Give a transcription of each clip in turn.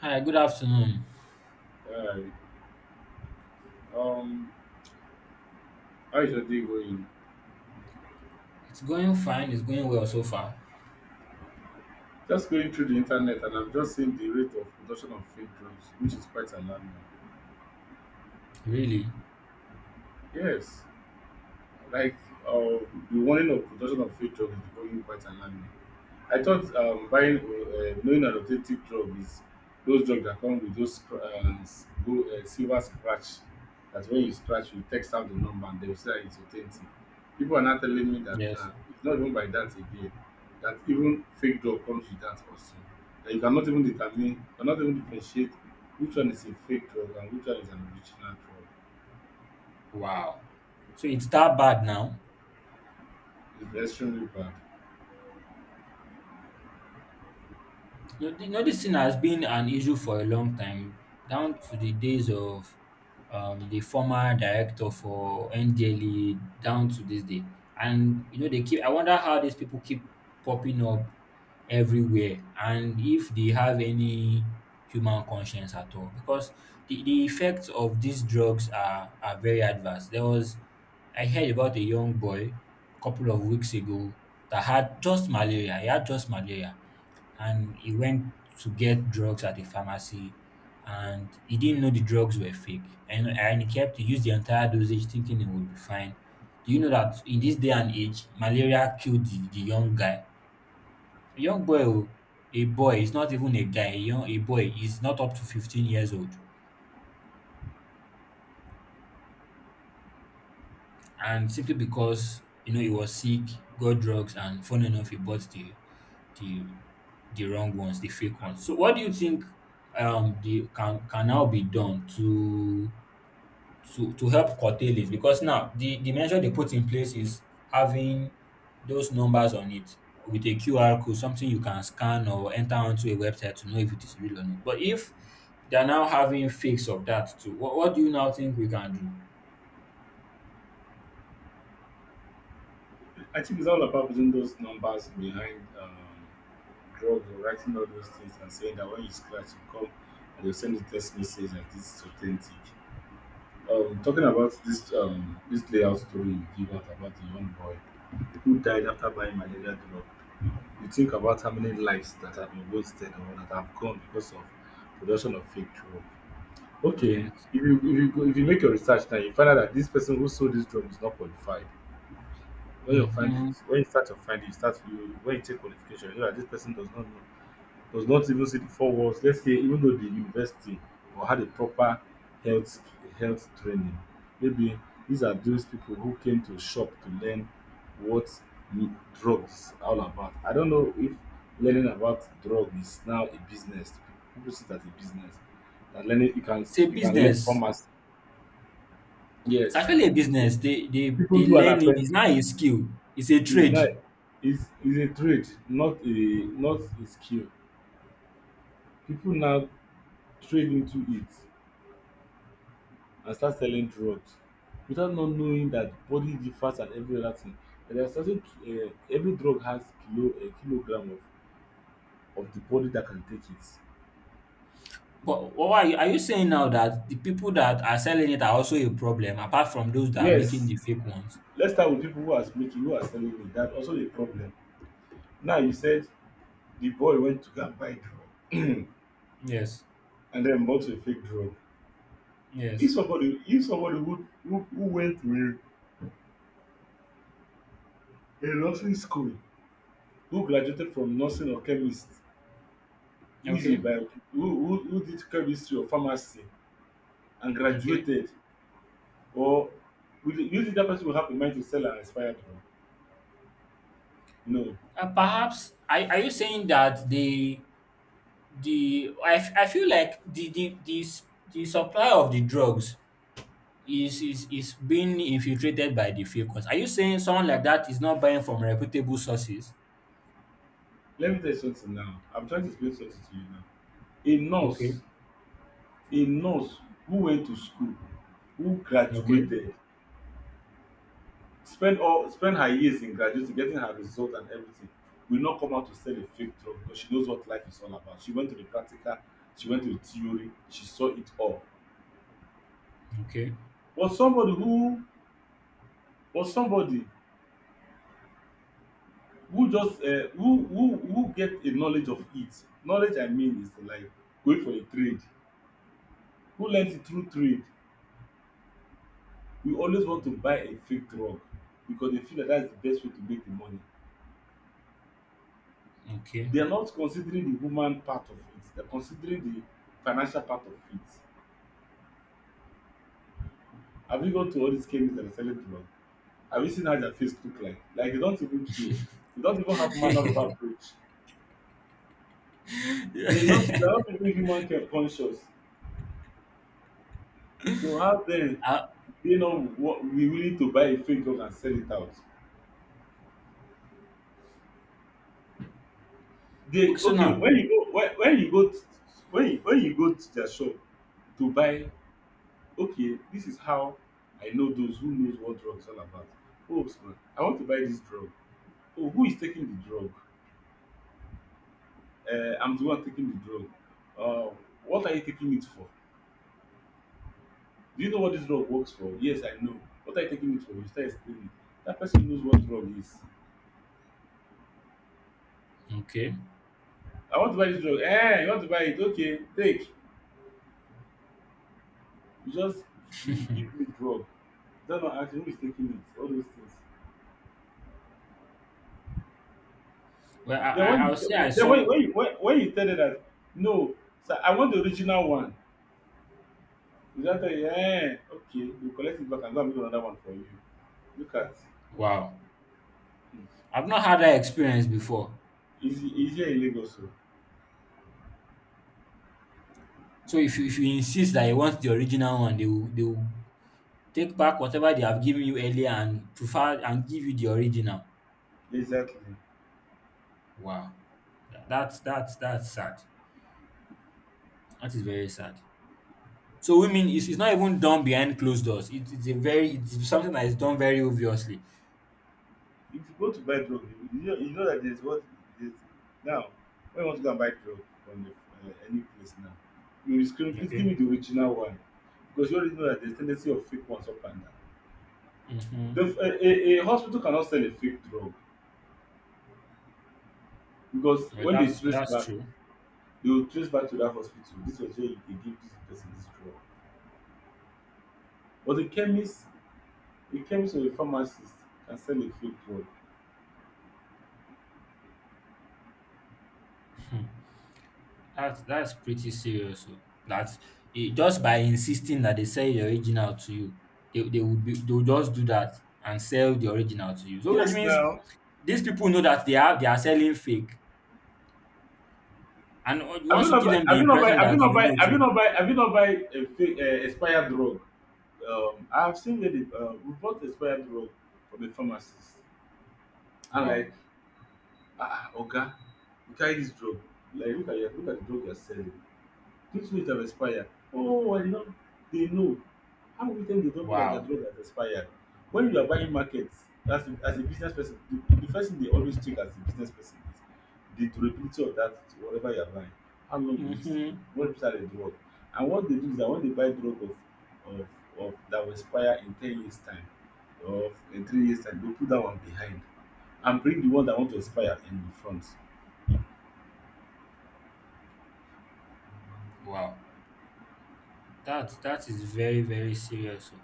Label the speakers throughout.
Speaker 1: Hi, good afternoon.
Speaker 2: Alright. Um, how is your day going?
Speaker 1: It's going fine. It's going well so far.
Speaker 2: Just going through the internet and I've just seen the rate of production of fake drugs, which is quite alarming.
Speaker 1: Really?
Speaker 2: Yes, like uh, the warning of production of fake drugs is becoming quite alarming. I thought buying, knowing an authentic drug is those drugs that come with those gold, silver scratch. That when you scratch, you text out the number and they will say that it's authentic. People are now telling me that
Speaker 1: Yes.
Speaker 2: it's not even by that again. That even fake drug comes with that also. That you cannot even determine, cannot even differentiate which one is a fake drug and which one is an original drug.
Speaker 1: Wow. So it's that bad now?
Speaker 2: It's extremely bad.
Speaker 1: You know, this thing has been an issue for a long time, down to the days of the former director for NDLE, down to this day. And you know, they keep. I wonder how these people keep popping up everywhere, and if they have any human conscience at all, because the effects of these drugs are very adverse. There was, I heard about a young boy a couple of weeks ago that had just malaria. He had just malaria and he went to get drugs at a pharmacy and he didn't know the drugs were fake and he used the entire dosage thinking it would be fine. Do you know that in this day and age malaria killed the young guy, a young boy, oh, a boy. It's not even a guy, a boy is not up to 15 years old. And simply because, you know, he was sick, got drugs, and fun enough he bought the the wrong ones, the fake ones. So what do you think the can now be done to help curtail it? Because now the measure they put in place is having those numbers on it with a QR code, something you can scan or enter onto a website to know if it is real or not. But if they're now having fakes of that too, what, do you now think we can do?
Speaker 2: I think it's all about putting those numbers behind drugs or writing all those things and saying that when you scratch, you come and you will send a text message that this is authentic. Talking about this this layout story you give out about the young boy who died after buying malaria drug, you think about how many lives that have been wasted or that have gone because of production of fake drug. Okay,
Speaker 1: Yes.
Speaker 2: if you make your research now, you find out that this person who sold this drug is not qualified. When you find
Speaker 1: Hmm.
Speaker 2: it, when you start to find it, you start. You, when you take qualification, you know that this person does not know, does not even see the four walls, let's say, even though the university, or had a proper health health training. Maybe these are those people who came to shop to learn what drugs are all about. I don't know if learning about drugs is now a business. People see that a business, that learning, you can
Speaker 1: It's a
Speaker 2: you can learn
Speaker 1: business.
Speaker 2: commerce.
Speaker 1: It's
Speaker 2: Yes,
Speaker 1: actually a
Speaker 2: people,
Speaker 1: business. They they
Speaker 2: people
Speaker 1: they
Speaker 2: do an
Speaker 1: learn it. It's
Speaker 2: apprentice.
Speaker 1: not a skill. It's a
Speaker 2: It's
Speaker 1: trade.
Speaker 2: like, it's a trade, not a skill. People now trade into it and start selling drugs, without not knowing that body differs and every other thing. And there are certain every drug has kilo a kilogram of the body that can take it.
Speaker 1: But are you saying now that the people that are selling it are also a problem apart from those that are making
Speaker 2: Yes,
Speaker 1: the fake ones?
Speaker 2: let's start with people who are making, who are selling it. That also a problem. Now you said the boy went to go and buy drug
Speaker 1: Yes.
Speaker 2: and then bought a fake drug. If
Speaker 1: Yes.
Speaker 2: somebody if somebody who went to a nursing school, who graduated from nursing or chemist, who is a
Speaker 1: Okay.
Speaker 2: bio who did chemistry or pharmacy and
Speaker 1: Okay.
Speaker 2: graduated, or would you think that person will have a mind to sell an expired one? No.
Speaker 1: Perhaps are you saying that I feel like the supply of the drugs is, is being infiltrated by the fake ones. Are you saying someone like that is not buying from reputable sources?
Speaker 2: Let me tell you something. Now I'm trying to explain something to you. Now a nurse
Speaker 1: Okay.
Speaker 2: a nurse who went to school, who
Speaker 1: Okay.
Speaker 2: graduated, spend her years in graduating, getting her result and everything, will not come out to sell a fake drug, because she knows what life is all about. She went to the practical, she went to the theory, she saw it all.
Speaker 1: Okay.
Speaker 2: But somebody who but somebody who just who get a knowledge of it. Knowledge, I mean, is like going for a trade, who learns it through trade. We always want to buy a fake drug because they feel that that's the best way to make the money.
Speaker 1: Okay.
Speaker 2: They are not considering the human part of it, they're considering the financial part of it. Have you gone to all these chemists that are selling drug? Have you seen how their face look like? Like, they don't even care. They don't even have manner of approach. they're not they're
Speaker 1: Yeah.
Speaker 2: not even human conscious. So how then
Speaker 1: Uh,
Speaker 2: they not be willing to buy a fake drug and sell it out? They
Speaker 1: okay. So
Speaker 2: okay. When
Speaker 1: now.
Speaker 2: you go, when you go to, when you go to their shop to buy. Okay, this is how I know those who knows what drug is all about. Oh, yes, man, I want to buy this drug. Oh, who is taking the drug? I'm the one taking the drug. Uh, what are you taking it for? Do you know what this drug works for? Yes, I know. What are you taking it for? You start explaining. That person knows what drug is.
Speaker 1: Okay.
Speaker 2: I want to buy this drug. Eh, you want to buy it? Okay, take. You just, "Dee,
Speaker 1: Hmm.
Speaker 2: give me drug." That's not asking who is taking it, all those things.
Speaker 1: Well, I,
Speaker 2: Then
Speaker 1: I
Speaker 2: when
Speaker 1: I
Speaker 2: you
Speaker 1: would say I
Speaker 2: te- then when when
Speaker 1: some
Speaker 2: you, when, when you tell them that, no, sir, I want the original one. You just tell you, eh, okay, you collect it back and go and make another one for you. Look at,
Speaker 1: Wow.
Speaker 2: hmm,
Speaker 1: I've not had that experience before.
Speaker 2: easy easier in Lagos. So.
Speaker 1: So if you insist that you want the original one, they will take back whatever they have given you earlier and prefer and give you the original.
Speaker 2: Exactly.
Speaker 1: Wow. That's that's sad. That is very sad. So women, it's not even done behind closed doors. It's a very it's something that is done very obviously.
Speaker 2: If you go to buy drug, you know, you know that there's, what, there's now. When you want to go and buy drug from the, any place now, you will scream, please give
Speaker 1: Okay.
Speaker 2: me the original one. Because you already know that there's tendency of fake ones up and down. The,
Speaker 1: Mm-hmm.
Speaker 2: a, a, a hospital cannot sell a fake drug, because
Speaker 1: Well,
Speaker 2: when they
Speaker 1: that's
Speaker 2: trace back,
Speaker 1: true.
Speaker 2: they will trace back to that hospital. This was where they give this person this drug. But a chemist or a pharmacist can sell a fake drug.
Speaker 1: That's pretty serious, oh. That's it, just by insisting that they sell the original to you, they would just do that and sell the original to you. So which
Speaker 2: Yes,
Speaker 1: means
Speaker 2: now.
Speaker 1: these people know that they are selling fake, and you
Speaker 2: Have you
Speaker 1: want to
Speaker 2: not
Speaker 1: give
Speaker 2: buy?
Speaker 1: them the
Speaker 2: Have you not buy?
Speaker 1: impression
Speaker 2: Have
Speaker 1: that
Speaker 2: you not
Speaker 1: you
Speaker 2: buy?
Speaker 1: know
Speaker 2: Have you
Speaker 1: too.
Speaker 2: not buy? Have you not buy a fake expired drug? I have seen that they, we bought expired drug from a pharmacist. And
Speaker 1: Wow,
Speaker 2: like, ah, ah, Oga, you carry this drug. Like, look at your, look at the drug you're selling. These ones have expired. Oh, I know. They know. How will them they don't know that their
Speaker 1: wow,
Speaker 2: drug has expired? When you are buying markets as a business person, the first thing they always check as a business person is the durability of that whatever you are buying. How long will it stay?
Speaker 1: mm-hmm.
Speaker 2: What is the drug? And what they do is that when they buy drug of, of that will expire in 10 years time or in 3 years time, they put that one behind and bring the one that want to expire in the front.
Speaker 1: Wow. That that is very very serious, oh.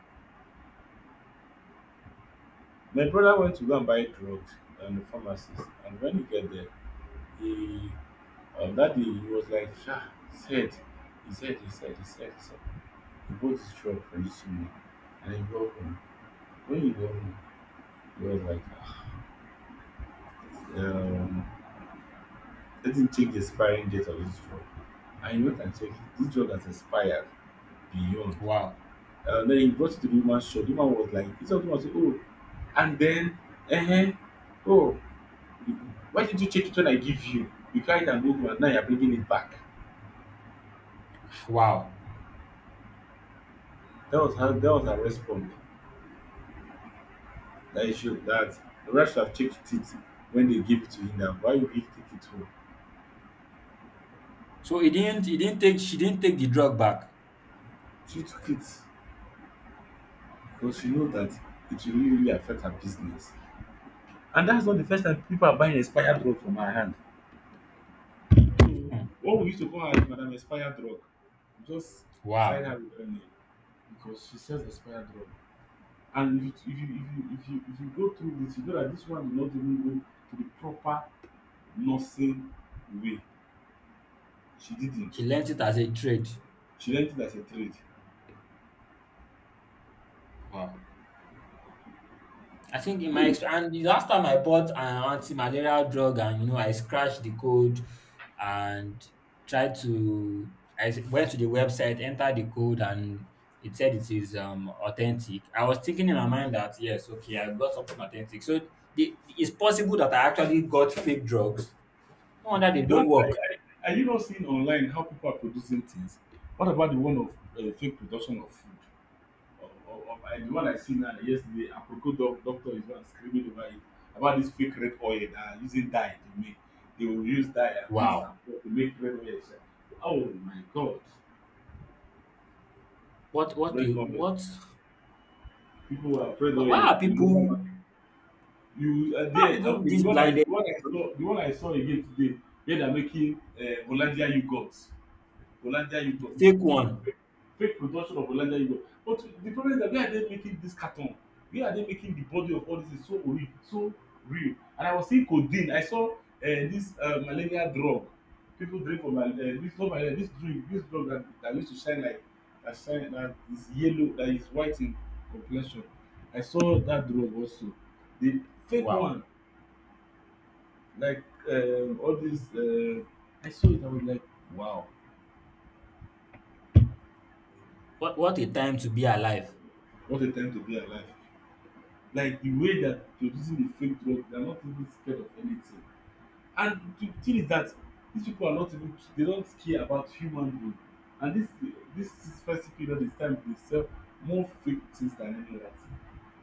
Speaker 2: My brother went to go and buy drugs on the pharmacist, and when he get there, he, on that day, he was like, "Sha, his head, his head, his head, his head, his." He bought this drug for this woman, and he got home. When he got home, he was like, "Ah, um, let him check the expiring date of this drug." And he went and checked it. This drug has expired beyond.
Speaker 1: Wow,
Speaker 2: And then he brought it to the woman's shop. The woman was like, "This woman was like, oh." And then, eh, eh, oh, why did you take it when I give you? You carried an old and now you're bringing it back.
Speaker 1: wow.
Speaker 2: That was how that was her response. That it showed that the rest have checked it when they gave it to him. Now, why would he take it home?
Speaker 1: So he didn't take she didn't take the drug back.
Speaker 2: She took it because she knew that it will really, really affect her business. And that's not the first time people are buying expired drug from her hand. So,
Speaker 1: Hmm.
Speaker 2: what we used to call her is Madam Expired Drug. You just side
Speaker 1: Wow,
Speaker 2: her with her name because she sells expired drug. And if you go through this, you know that this one will not even go to the proper nursing way. She didn't.
Speaker 1: she learnt it as a trade.
Speaker 2: She learned it as a trade.
Speaker 1: Wow. I think in
Speaker 2: When
Speaker 1: my
Speaker 2: you
Speaker 1: experience, and the last time I bought an anti-malarial drug, and you know, I scratched the code and tried to. Went to the website, entered the code, and it said it is authentic. I was thinking in my mind that yes, okay, I got something authentic. So the, it's possible that I actually got fake drugs. No wonder they
Speaker 2: don't,
Speaker 1: don't work.
Speaker 2: like, are you not seeing online how people are producing things? What about the one of fake production of food? The one I seen yesterday, apropos doc, doctor is one screaming over it about this fake red oil that are using dye to make. They will use dye and mix and
Speaker 1: Wow,
Speaker 2: pour to make red oil. Sha. Oh my God,
Speaker 1: what
Speaker 2: red
Speaker 1: the
Speaker 2: oil.
Speaker 1: what?
Speaker 2: People who have red oil
Speaker 1: Why are
Speaker 2: in local,
Speaker 1: people?
Speaker 2: you are
Speaker 1: Why are
Speaker 2: there.
Speaker 1: people
Speaker 2: Okay,
Speaker 1: this
Speaker 2: the
Speaker 1: blinded?
Speaker 2: one I saw, the one I saw again today, where they are making hollandia yoghurt hollandia
Speaker 1: The
Speaker 2: yoghurt
Speaker 1: fake one.
Speaker 2: fake fake production of Hollandia yoghurt. But the problem is that where are they making this carton, where are they making the body of all this is so real, so real. And I was seeing codeine. I saw this malaria drug people drink for mal this. Not malaria, this drink, this drug that used to shine like that shine, that is yellow, that is white in complexion. I saw that drug also, the fake
Speaker 1: Wow,
Speaker 2: one. Like, all these, I saw it. I was like, wow,
Speaker 1: what a time to be alive.
Speaker 2: what a time to be alive! Like the way that they're using the fake drug, they're not even scared of anything. And the thing is that these people are not even, they don't care about human being. And this festive period is time they sell more fake things than any other thing.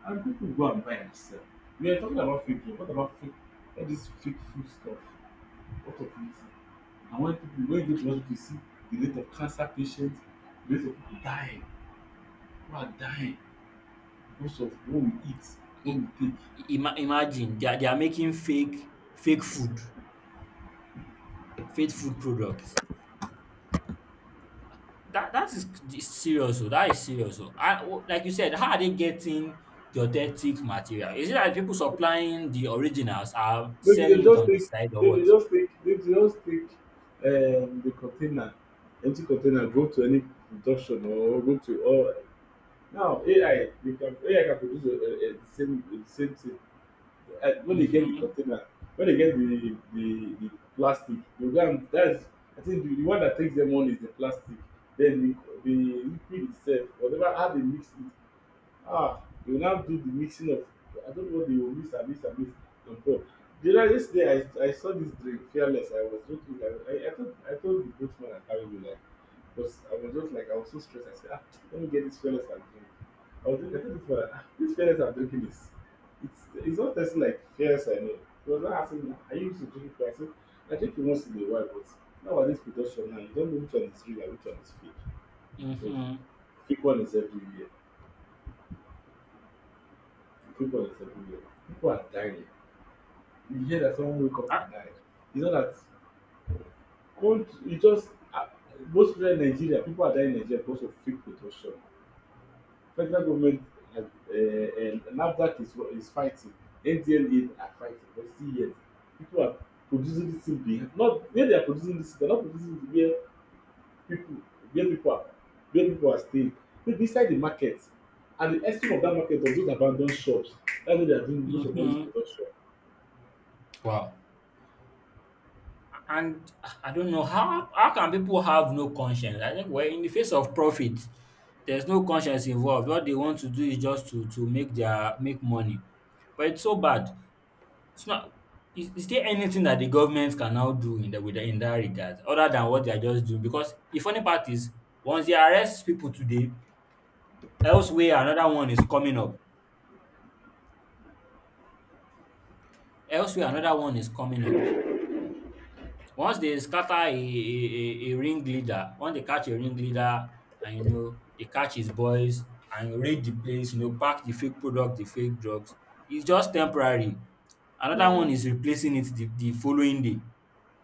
Speaker 2: And people go and buy and sell. We are talking about fake drug. What about fake, all this fake food stuff? What of it? And when people, when you go to hospital you see the rate of cancer patients, the rate of people dying who are dying because of what we eat, what
Speaker 1: I-
Speaker 2: we take.
Speaker 1: Imagine they are making fake food products. That that is serious, so that is serious. So I, oh, like you said, how are they getting the authentic material? Is it that people supplying the originals are
Speaker 2: Maybe dem
Speaker 1: selling it
Speaker 2: just
Speaker 1: on the
Speaker 2: take
Speaker 1: side or what?
Speaker 2: maybe dem just take the container, empty container, go to any production or go to or now AI dey can, AI can produce the same thing. When they get the
Speaker 1: Mm-hmm,
Speaker 2: container, when they get the plastic they go, and that's, I think the one that takes them on is the plastic. Then the liquid itself, whatever, how they mix it. Ah, you will now do the mixing of, I don't know what they will mix and mix and mix on top. The other yesterday I saw this drink, fearless. I was not looking at it. I told the boatman I carried me like, because I was just like, I was so stressed. I said, ah, let me get this fearless and drink. I was drinking, I told this fella, ah, this fearless I'm drinking is, it's not tasting like fearless I know. He was not asking me, are you used to drink it? I said, I drink it once in a while, but now at this production now you don't know which one is real and which one is fake. Because
Speaker 1: mm-hmm,
Speaker 2: fake one is everywhere. People is everywhere. People are dying. You hear that someone wake up
Speaker 1: ah,
Speaker 2: and die. It's not that cold, it just most people in Nigeria, people are dying in Nigeria because of fake production. Federal government and NAFDAC is fighting, NDLA are fighting, but still yet people are producing this thing behind. Not where they are producing this, they're not producing it where people, where people are, where people are staying. But beside the market, and the estimate of that market, of those abandoned shops. That's where they are doing most of all this
Speaker 1: mm-hmm,
Speaker 2: production.
Speaker 1: wow. And I don't know how. How can people have no conscience? I think we're in the face of profit. There's no conscience involved. What they want to do is just to make their make money. But it's so bad. It's not. Is there anything that the government can now do in in that regard, other than what they are just doing? Because the funny part is, once they arrest people today, elsewhere another one is coming up. Elsewhere another one is coming up. Once they scatter a ringleader, once they catch a ringleader and you know they catch his boys and raid the place, you know, pack the fake product, the fake drugs, it's just temporary. Another one
Speaker 2: Mm,
Speaker 1: is replacing it the following day.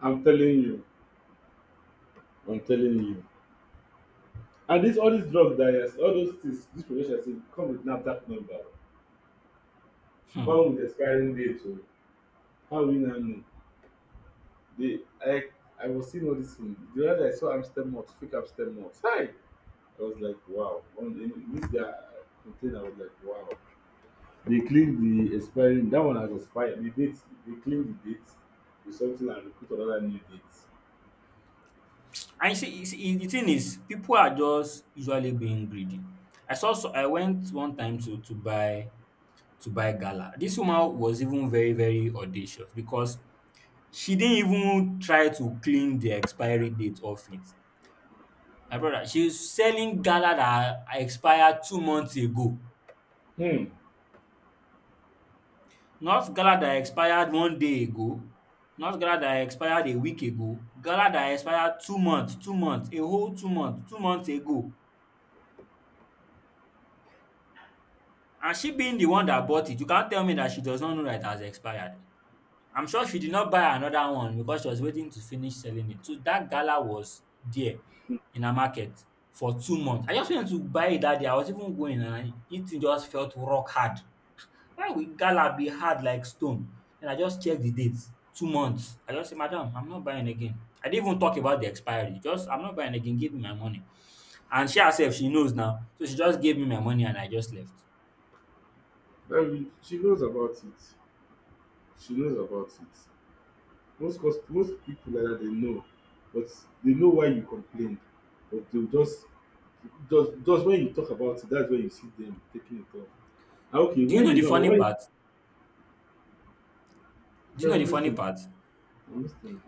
Speaker 2: I'm telling you. I'm telling you. And this, all these drugs, that yes, all those things, this production say come with NAFDAC number, come
Speaker 1: Um.
Speaker 2: with expiring date o. How we now know? They I was seeing all this thing. The other day I saw Amstel malt, fake Amstel malt. Hi! I was like wow. On the, in this guy container I was like wow. They cleaned the expiring, that one has expired. The date, they cleaned the date with something and they put another new date.
Speaker 1: And you see, the thing is people are just usually being greedy. I saw, so I went one time to buy gala. This woman was even very audacious because she didn't even try to clean the expiry date off it. My brother, she's selling gala that expired 2 months ago,
Speaker 2: Hmm.
Speaker 1: not gala that expired 1 day ago, not gala that expired a week ago, gala that expired 2 months, 2 months, a whole 2 months, 2 months ago. And she being the one that bought it, you can't tell me that she does not know that it has expired. I'm sure she did not buy another one because she was waiting to finish selling it. So that gala was there in her market for 2 months. I just went to buy it that day. I was even going and it thing just felt rock hard. Why will gala be hard like stone? Then I just check the date. 2 months. I just say, Madam, I'm not buying again. I didn't even talk about the expiry. Just, I'm not buying again. Give me my money. And she herself, she knows now. So she just gave me my money and I just left.
Speaker 2: I, she knows about it. She knows about it. Most people like that, they know, but they know why you complain, but they go just, just when you talk about it, that's when you see them taking it off. Na okay
Speaker 1: Do you
Speaker 2: when
Speaker 1: know
Speaker 2: they
Speaker 1: the
Speaker 2: know, but
Speaker 1: funny
Speaker 2: why,
Speaker 1: part? Do you know the
Speaker 2: lis
Speaker 1: funny
Speaker 2: ten
Speaker 1: part?
Speaker 2: I'm lis ten ing.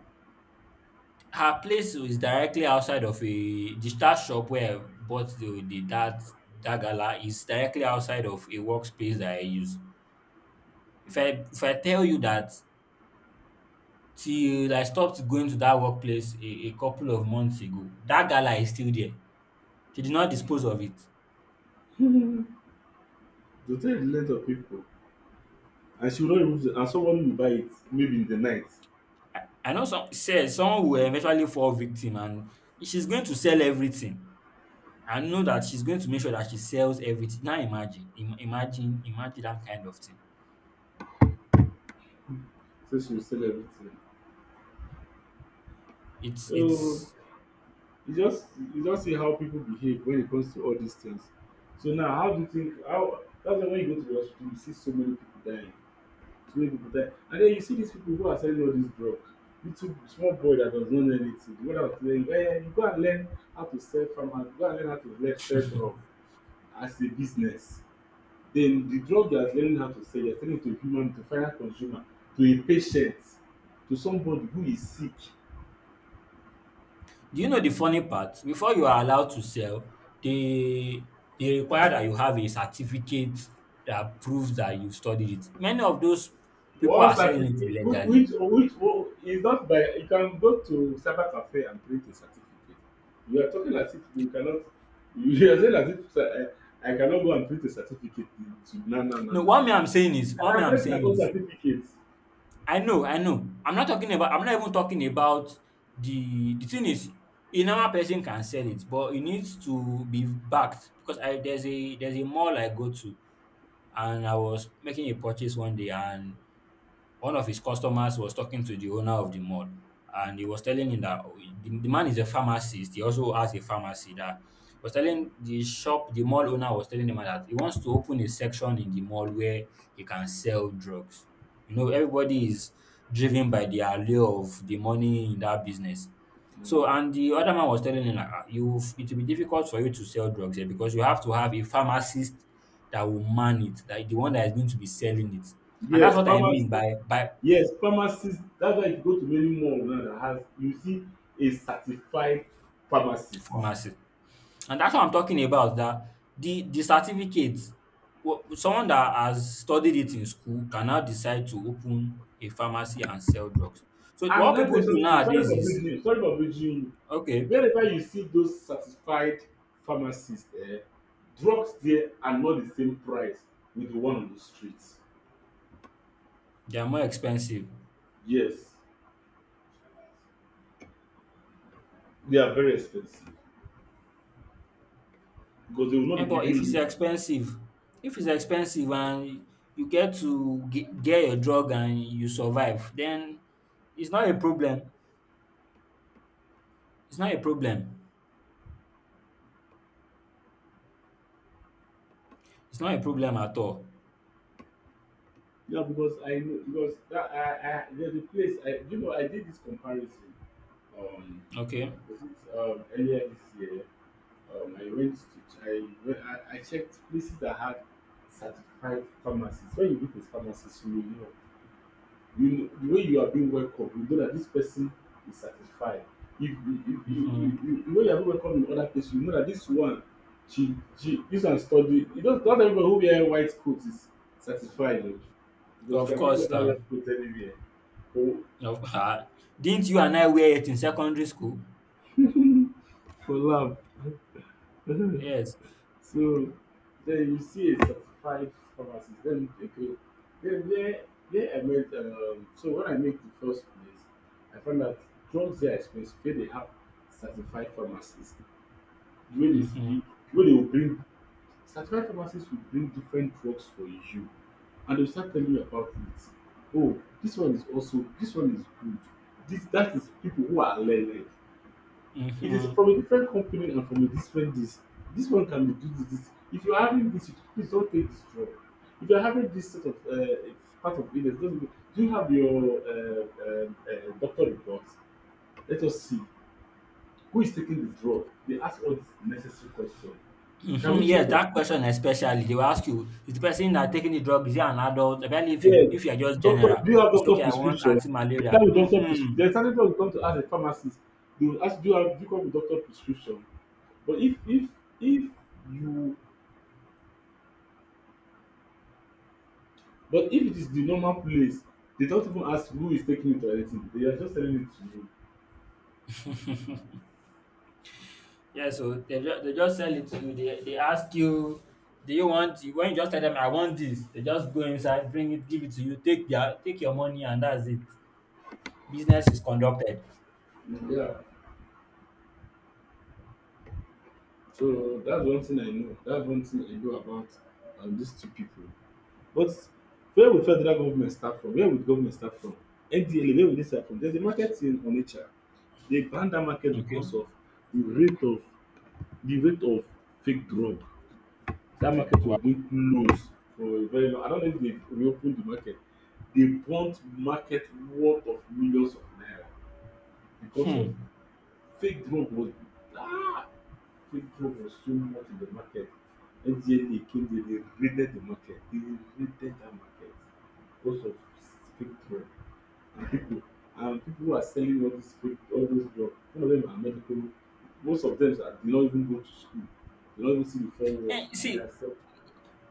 Speaker 1: Her place is directly outside of a the star shop where I bought the that that gala is directly outside of a workspace that I use. If I if I tell you that till I stopped going to that workplace a couple of months ago. That gala is still there. She did not dispose of it.
Speaker 2: To take of people, and she will not remove it, and someone will buy it maybe in the night,
Speaker 1: I know some says someone will eventually fall victim and she's going to sell everything. I know that she's going to make sure that she sells everything. Now imagine, im imagine imagine that kind of thing.
Speaker 2: so she will sell everything. So
Speaker 1: It's
Speaker 2: you just, you just see how people behave when it comes to all these things. So now how do you think, how, that's why wen you go to the hospital you see so many people dying, to make people die, and then you see these people who are selling all these drugs, little small boy that does not know anything. What one that was telling you, eh, you go and learn how to sell, farmer go and learn how to learn sell drug as a business. Then the drug you are learning how to sell, you are selling to a human, to a final consumer, to a patient, to somebody who is sick.
Speaker 1: do you know the funny part? Before you are allowed to sell, they they require that you have a certificate that proves that you studied it. Many of those people
Speaker 2: One
Speaker 1: are selling it
Speaker 2: certificate, which
Speaker 1: illegally.
Speaker 2: which one is not by, you can go to cyber cafe and print a certificate. You are talking as if you cannot, you are saying as if, sir, I cannot go and print a certificate to, no no no
Speaker 1: No,
Speaker 2: no no. I
Speaker 1: what me
Speaker 2: can
Speaker 1: I'm
Speaker 2: print my
Speaker 1: saying
Speaker 2: own
Speaker 1: is,
Speaker 2: certificate.
Speaker 1: I know, I know. I'm not even talking about the thing is, a normal person can sell it, but it needs to be backed. Because I, there's a, there's a mall I go to and I was making a purchase one day and one of his customers was talking to the owner of the mall and he was telling him that, oh, the man is a pharmacist. He also has a pharmacy. That was
Speaker 2: Mm,
Speaker 1: telling the shop, the mall owner was telling the man that he wants to open a section in the mall where he can sell drugs. You know, everybody is driven by the allure of the money in that business. So,
Speaker 2: mm.
Speaker 1: and the other man was telling him, like, "Ah, you, it will be difficult for you to sell drugs here because you have to have a pharmacist that will man it, that the one that is going to be selling it. And that's
Speaker 2: Yes,
Speaker 1: what I
Speaker 2: pharmacy,
Speaker 1: mean by
Speaker 2: yes pharmacist, that's why you go to many mall now that has, you see, a certified pharmacist.
Speaker 1: pharmacy. And that's what I'm talking about. That the certificate, someone that has studied it in school can now decide to open a pharmacy and sell drugs. So
Speaker 2: And
Speaker 1: what
Speaker 2: let
Speaker 1: people
Speaker 2: me say
Speaker 1: do
Speaker 2: something. Sorry
Speaker 1: nowadays
Speaker 2: for
Speaker 1: is
Speaker 2: breaching you. Sorry for breaching you.
Speaker 1: okay,
Speaker 2: Whenever you see those certified pharmacists, eh, drugs there are not the same price with the one on the street.
Speaker 1: they are more expensive.
Speaker 2: Yes, they are very expensive because they will
Speaker 1: Eh,
Speaker 2: not be
Speaker 1: but
Speaker 2: giving you.
Speaker 1: if it's expensive and you get to get your drug and you survive, then it's not a problem. It's not a problem. It's not a problem at all.
Speaker 2: Yeah, because I know, because that I, there's a place I, you know I did this comparison, um
Speaker 1: Okay.
Speaker 2: was it earlier this year? I went to, I checked places that had certified pharmacies. When you look at pharmacies you will know, you know, the way you are being welcomed, you know that this person is satisfied. If you if you you
Speaker 1: Mhm.
Speaker 2: you know, you are being welcomed in other places, you know that this one, she this one study, you do, not, not everybody who wear white coat is satisfied o, because you
Speaker 1: Of
Speaker 2: can pick
Speaker 1: course,
Speaker 2: up that
Speaker 1: um.
Speaker 2: white coat anywhere. Oh,
Speaker 1: Of ah, didn't you and I wear it in secondary school? Yes.
Speaker 2: so then you see a certified pharmacist, then okay, then there I met, so when I make the first place, I found that drugs there are expensive where they have certified pharmacists. The way they
Speaker 1: Mhm.
Speaker 2: speak, the way they will bring, certified pharmacists will bring different drugs for you and they will start telling you about it. Oh, this one is also, this one is good. This, that is people who are learned. It is
Speaker 1: Mhm.
Speaker 2: from a different company and from a different this. This one can be do this, this. If you are having this, please don't take this drug. If you are having this sort of part of illness, don't, do you have your doctor reports. Let us see. Who is taking the drug? They ask all these necessary questions. Can
Speaker 1: Mhm.
Speaker 2: we check
Speaker 1: Yes,
Speaker 2: your weight?
Speaker 1: that question especially, they will ask you, is the person that taking the drug, is he an adult? Especially if
Speaker 2: Yes.
Speaker 1: you are just
Speaker 2: Doctor,
Speaker 1: general,
Speaker 2: do you have
Speaker 1: it's
Speaker 2: doctor
Speaker 1: okay, I want
Speaker 2: prescription? They
Speaker 1: anti-malaria.
Speaker 2: start with doctor prescription.
Speaker 1: Mhm.
Speaker 2: There's something, when you come to ask a pharmacist, they will ask, do you have, do you come with doctor prescription? But if you, but if it is the normal place, they don't even ask who is taking it or anything. They are just telling it to you.
Speaker 1: Yeah, so they just sell it to you. They ask you, do you want, when you just tell them, I want this, they just go inside, bring it, give it to you, take their, take your money and that's it. Business is conducted.
Speaker 2: Yeah. So that's one thing I know. That's one thing I know about these two people. But where will federal government start from? Where will government start from? NDLEA, where will they start from? There's a market in Onitsha. They banned that market
Speaker 1: Okay.
Speaker 2: because of the rate of the rate of fake drug. That market was
Speaker 1: Wow.
Speaker 2: being closed for a very long. I don't know if they reopened the market. They burnt market worth of millions of naira because of fake drug was, ah, Crypto was so much in the market. FGNA came there, they raided the market. They raided that market because of fake drug. And people, and people who are selling all these fake, all those drugs. Some of them are medical, most of them are, they don't even go to school. They don't even see the four walls
Speaker 1: And
Speaker 2: and they are
Speaker 1: see,
Speaker 2: selling.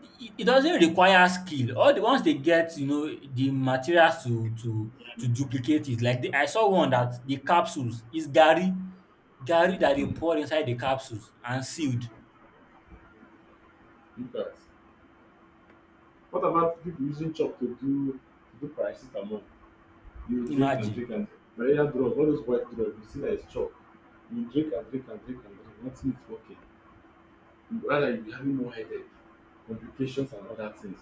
Speaker 1: it doesn't require skill. All the ones they get, you know, the materials to duplicate it. Like I saw one that the capsules is Gary, Gary that they
Speaker 2: Hmm.
Speaker 1: pour inside the capsules and sealed.
Speaker 2: Look at, what about people using chalk to do paracetamol? You drink and
Speaker 1: Imagine.
Speaker 2: drink and malaria drug, all those white drugs, you see that it's chalk. You drink and drink and drink and drink, nothing is working. Rather you'll be having more headache, complications and other things.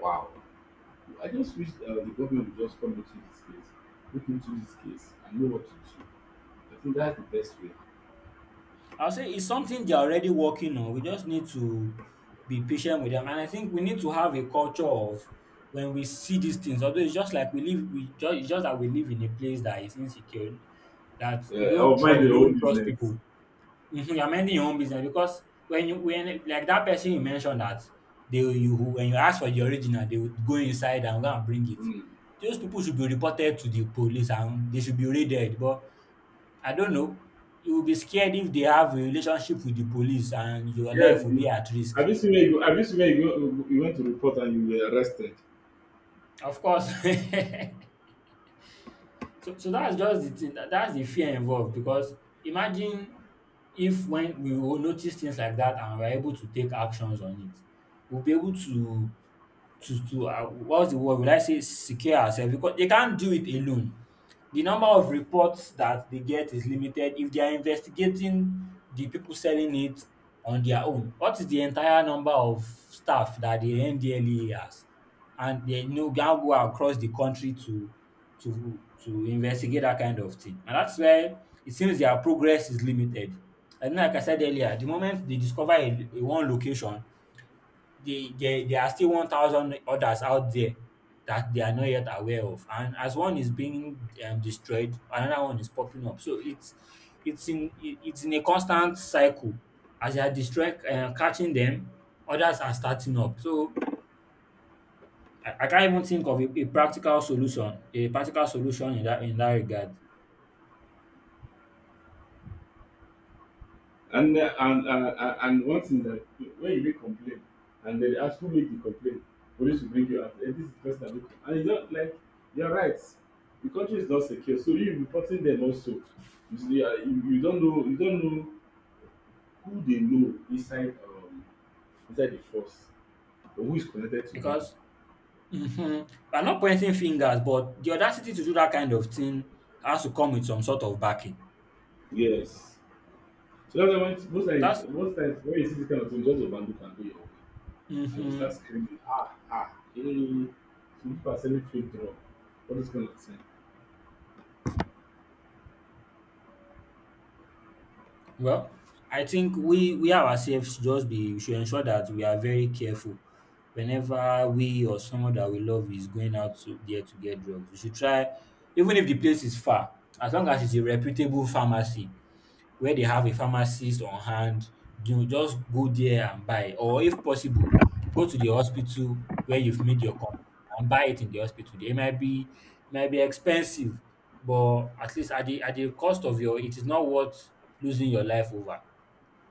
Speaker 2: Wow. I just wish the government would just come into this case, look into this case and know what to do. I think that's the best way.
Speaker 1: I'll say it's something they're already working on. We just need to be patient with them. And I think we need to have a culture of when we see these things, although it's just like we live, it's just that we live in a place that is insecure, that you
Speaker 2: Yeah, I'll
Speaker 1: don't
Speaker 2: mind
Speaker 1: trust, we
Speaker 2: your
Speaker 1: don't
Speaker 2: own
Speaker 1: trust
Speaker 2: business.
Speaker 1: people. Mhm. You're minding your own business because when like that person you mentioned that you when you ask for the original, they would go inside and go and bring it.
Speaker 2: Mm.
Speaker 1: Those people should be reported to the police and they should be raided. But I don't know. You will be scared if they have a relationship with the police and your
Speaker 2: Yes.
Speaker 1: life will be at risk.
Speaker 2: Have you seen where you, have you seen where you go, you went to report and you were arrested?
Speaker 1: Of course. So that's just the thing. That's the fear involved because imagine if when we will notice things like that and we're able to take actions on it, we'll be able to what's the word? Will I say secure ourselves because they can't do it alone. The number of reports that they get is limited if they are investigating the people selling it on their own. What is the entire number of staff that the NDLEA has? And they no now go across the country to investigate that kind of thing. And that's why it seems their progress is limited. And like I said earlier, the moment they discover a one location, there are still 1,000 others out there that they are not yet aware of. And as one is being destroyed, another one is popping up. So it's in a constant cycle. As they are destroying, catching them, others are starting up. So I can't even think of a practical solution, a practical solution in that regard,
Speaker 2: And and one thing that, when you make complaint and they ask who make the complaint, police will bring you up, this is the person that make complaint. And you don't like, you're right. The country is not secure, so you reporting them also. You see, you don't know, you don't know who they know inside inside the force or who is connected to them.
Speaker 1: because mhm, I'm not pointing fingers, but the audacity to do that kind of thing has to come with some sort of backing.
Speaker 2: Yes. So that's why when, most times,
Speaker 1: That's
Speaker 2: when you see this kind of thing, just overlook and do your own. And you start
Speaker 1: mhm.
Speaker 2: screaming, ah, ah, hey, some people are selling fake drugs, all those kind of things.
Speaker 1: Well, I think we ourselves just be we should ensure that we are very careful whenever we or someone that we love is going out to there to get drugs. We should try even if the place is far, as long as it's a reputable pharmacy where they have a pharmacist on hand. You know, just go there and buy. Or if possible, go to the hospital where you've made your complaint and buy it in the hospital. They might be It might be expensive, but at least at the cost of your it is not worth losing your life over.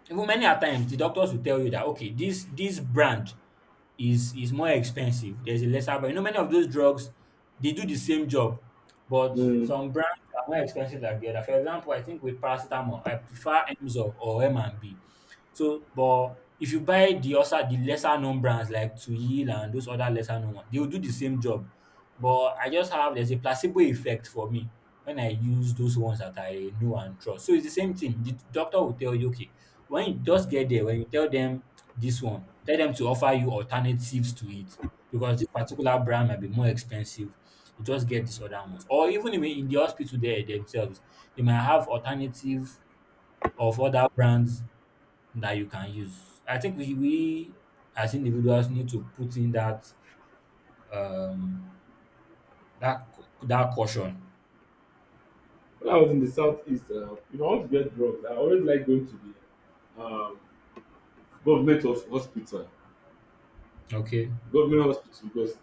Speaker 1: Even many a times the doctors will tell you that okay, this brand is more expensive. There's a lesser brand. You know, many of those drugs they do the same job, but
Speaker 2: Mm.
Speaker 1: some brands are more expensive than the other. For example, I think with paracetamol, I prefer Emzor or M and B. So, but if you buy the also the lesser known brands like Tuil and those other lesser known ones, they will do the same job. But I just have there's a placebo effect for me when I use those ones that I know and trust. So it's the same thing. The doctor will tell you, okay, when you just get there, when you tell them this one, tell them to offer you alternatives to it because this particular brand might be more expensive. You just get these other ones. Or even in the hospital there themselves, they might have alternative of other brands that you can use. I think we as individuals need to put in that um that caution.
Speaker 2: When I was in the southeast, if I want to get drugs, I always like going to the government of hospital,
Speaker 1: Okay.
Speaker 2: government hospital, because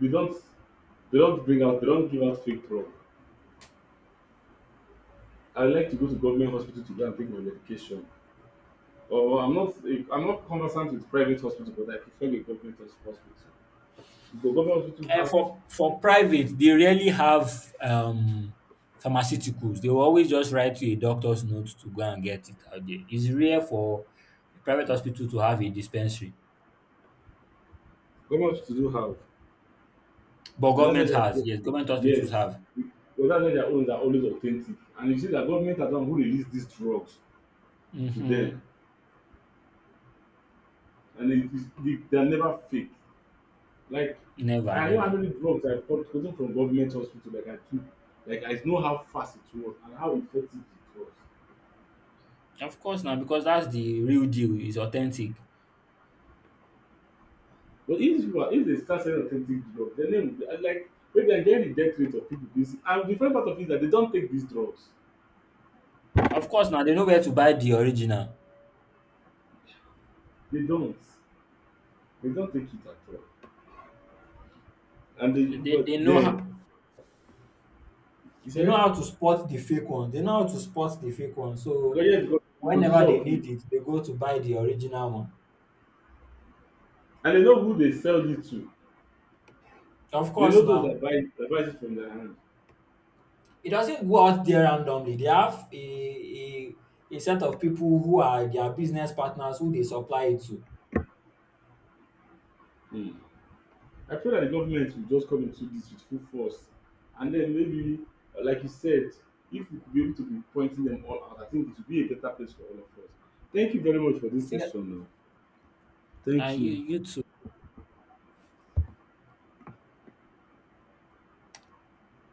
Speaker 2: they don't they don't bring out, they don't give out fake drug. I like to go to government hospital to go and take my medication. Or I'm not, I'm not conversant with private hospital, but I prefer the government hos- hospital. But government hospital
Speaker 1: And
Speaker 2: have,
Speaker 1: for private, they rarely have pharmaceuticals. They will always just write you a doctor's note to go and get it out there. It's rare for a private hospital to have a dispensary.
Speaker 2: government hospital do have.
Speaker 1: But
Speaker 2: And that's why
Speaker 1: government
Speaker 2: they are,
Speaker 1: has, yes, government hospitals
Speaker 2: yes,
Speaker 1: have.
Speaker 2: because that's why their own are always authentic. And you see that government are the one who release these drugs to
Speaker 1: Mm-hmm.
Speaker 2: them, and it is, they, they're never fake. Like
Speaker 1: Never,
Speaker 2: I know how
Speaker 1: never.
Speaker 2: many drugs I bought, gotten from government hospital. Like I took, like I know how fast it was and how effective it was.
Speaker 1: Of course now, because that's the real deal, it's authentic.
Speaker 2: But if you are, if they start selling authentic drugs, then they will, and like maybe I get the death rate of people. This, and the funny part of it is that they don't take these drugs.
Speaker 1: Of course now, they know where to buy the original.
Speaker 2: They don't. They don't take it at all. And they,
Speaker 1: They they
Speaker 2: but
Speaker 1: know how
Speaker 2: then, you
Speaker 1: They know
Speaker 2: said.
Speaker 1: how to spot the fake one. They know how to spot the fake one. So
Speaker 2: Koye is the producer
Speaker 1: whenever they
Speaker 2: of it.
Speaker 1: need it, they go to buy the original one.
Speaker 2: And they know who they sell it to.
Speaker 1: Of
Speaker 2: They
Speaker 1: course,
Speaker 2: know those that
Speaker 1: now
Speaker 2: buy it, that buys it from their hand.
Speaker 1: it doesn't go out there randomly. They have a, a set of people who are their business partners who they supply it to.
Speaker 2: Hmm. I pray that the government will just come into this with full force. And then maybe, like you said, if we could be able to be pointing them all out, I think it would be a better place for all of us. Thank you very much for this
Speaker 1: Yeah.
Speaker 2: session now. Thank
Speaker 1: And you,
Speaker 2: you.
Speaker 1: you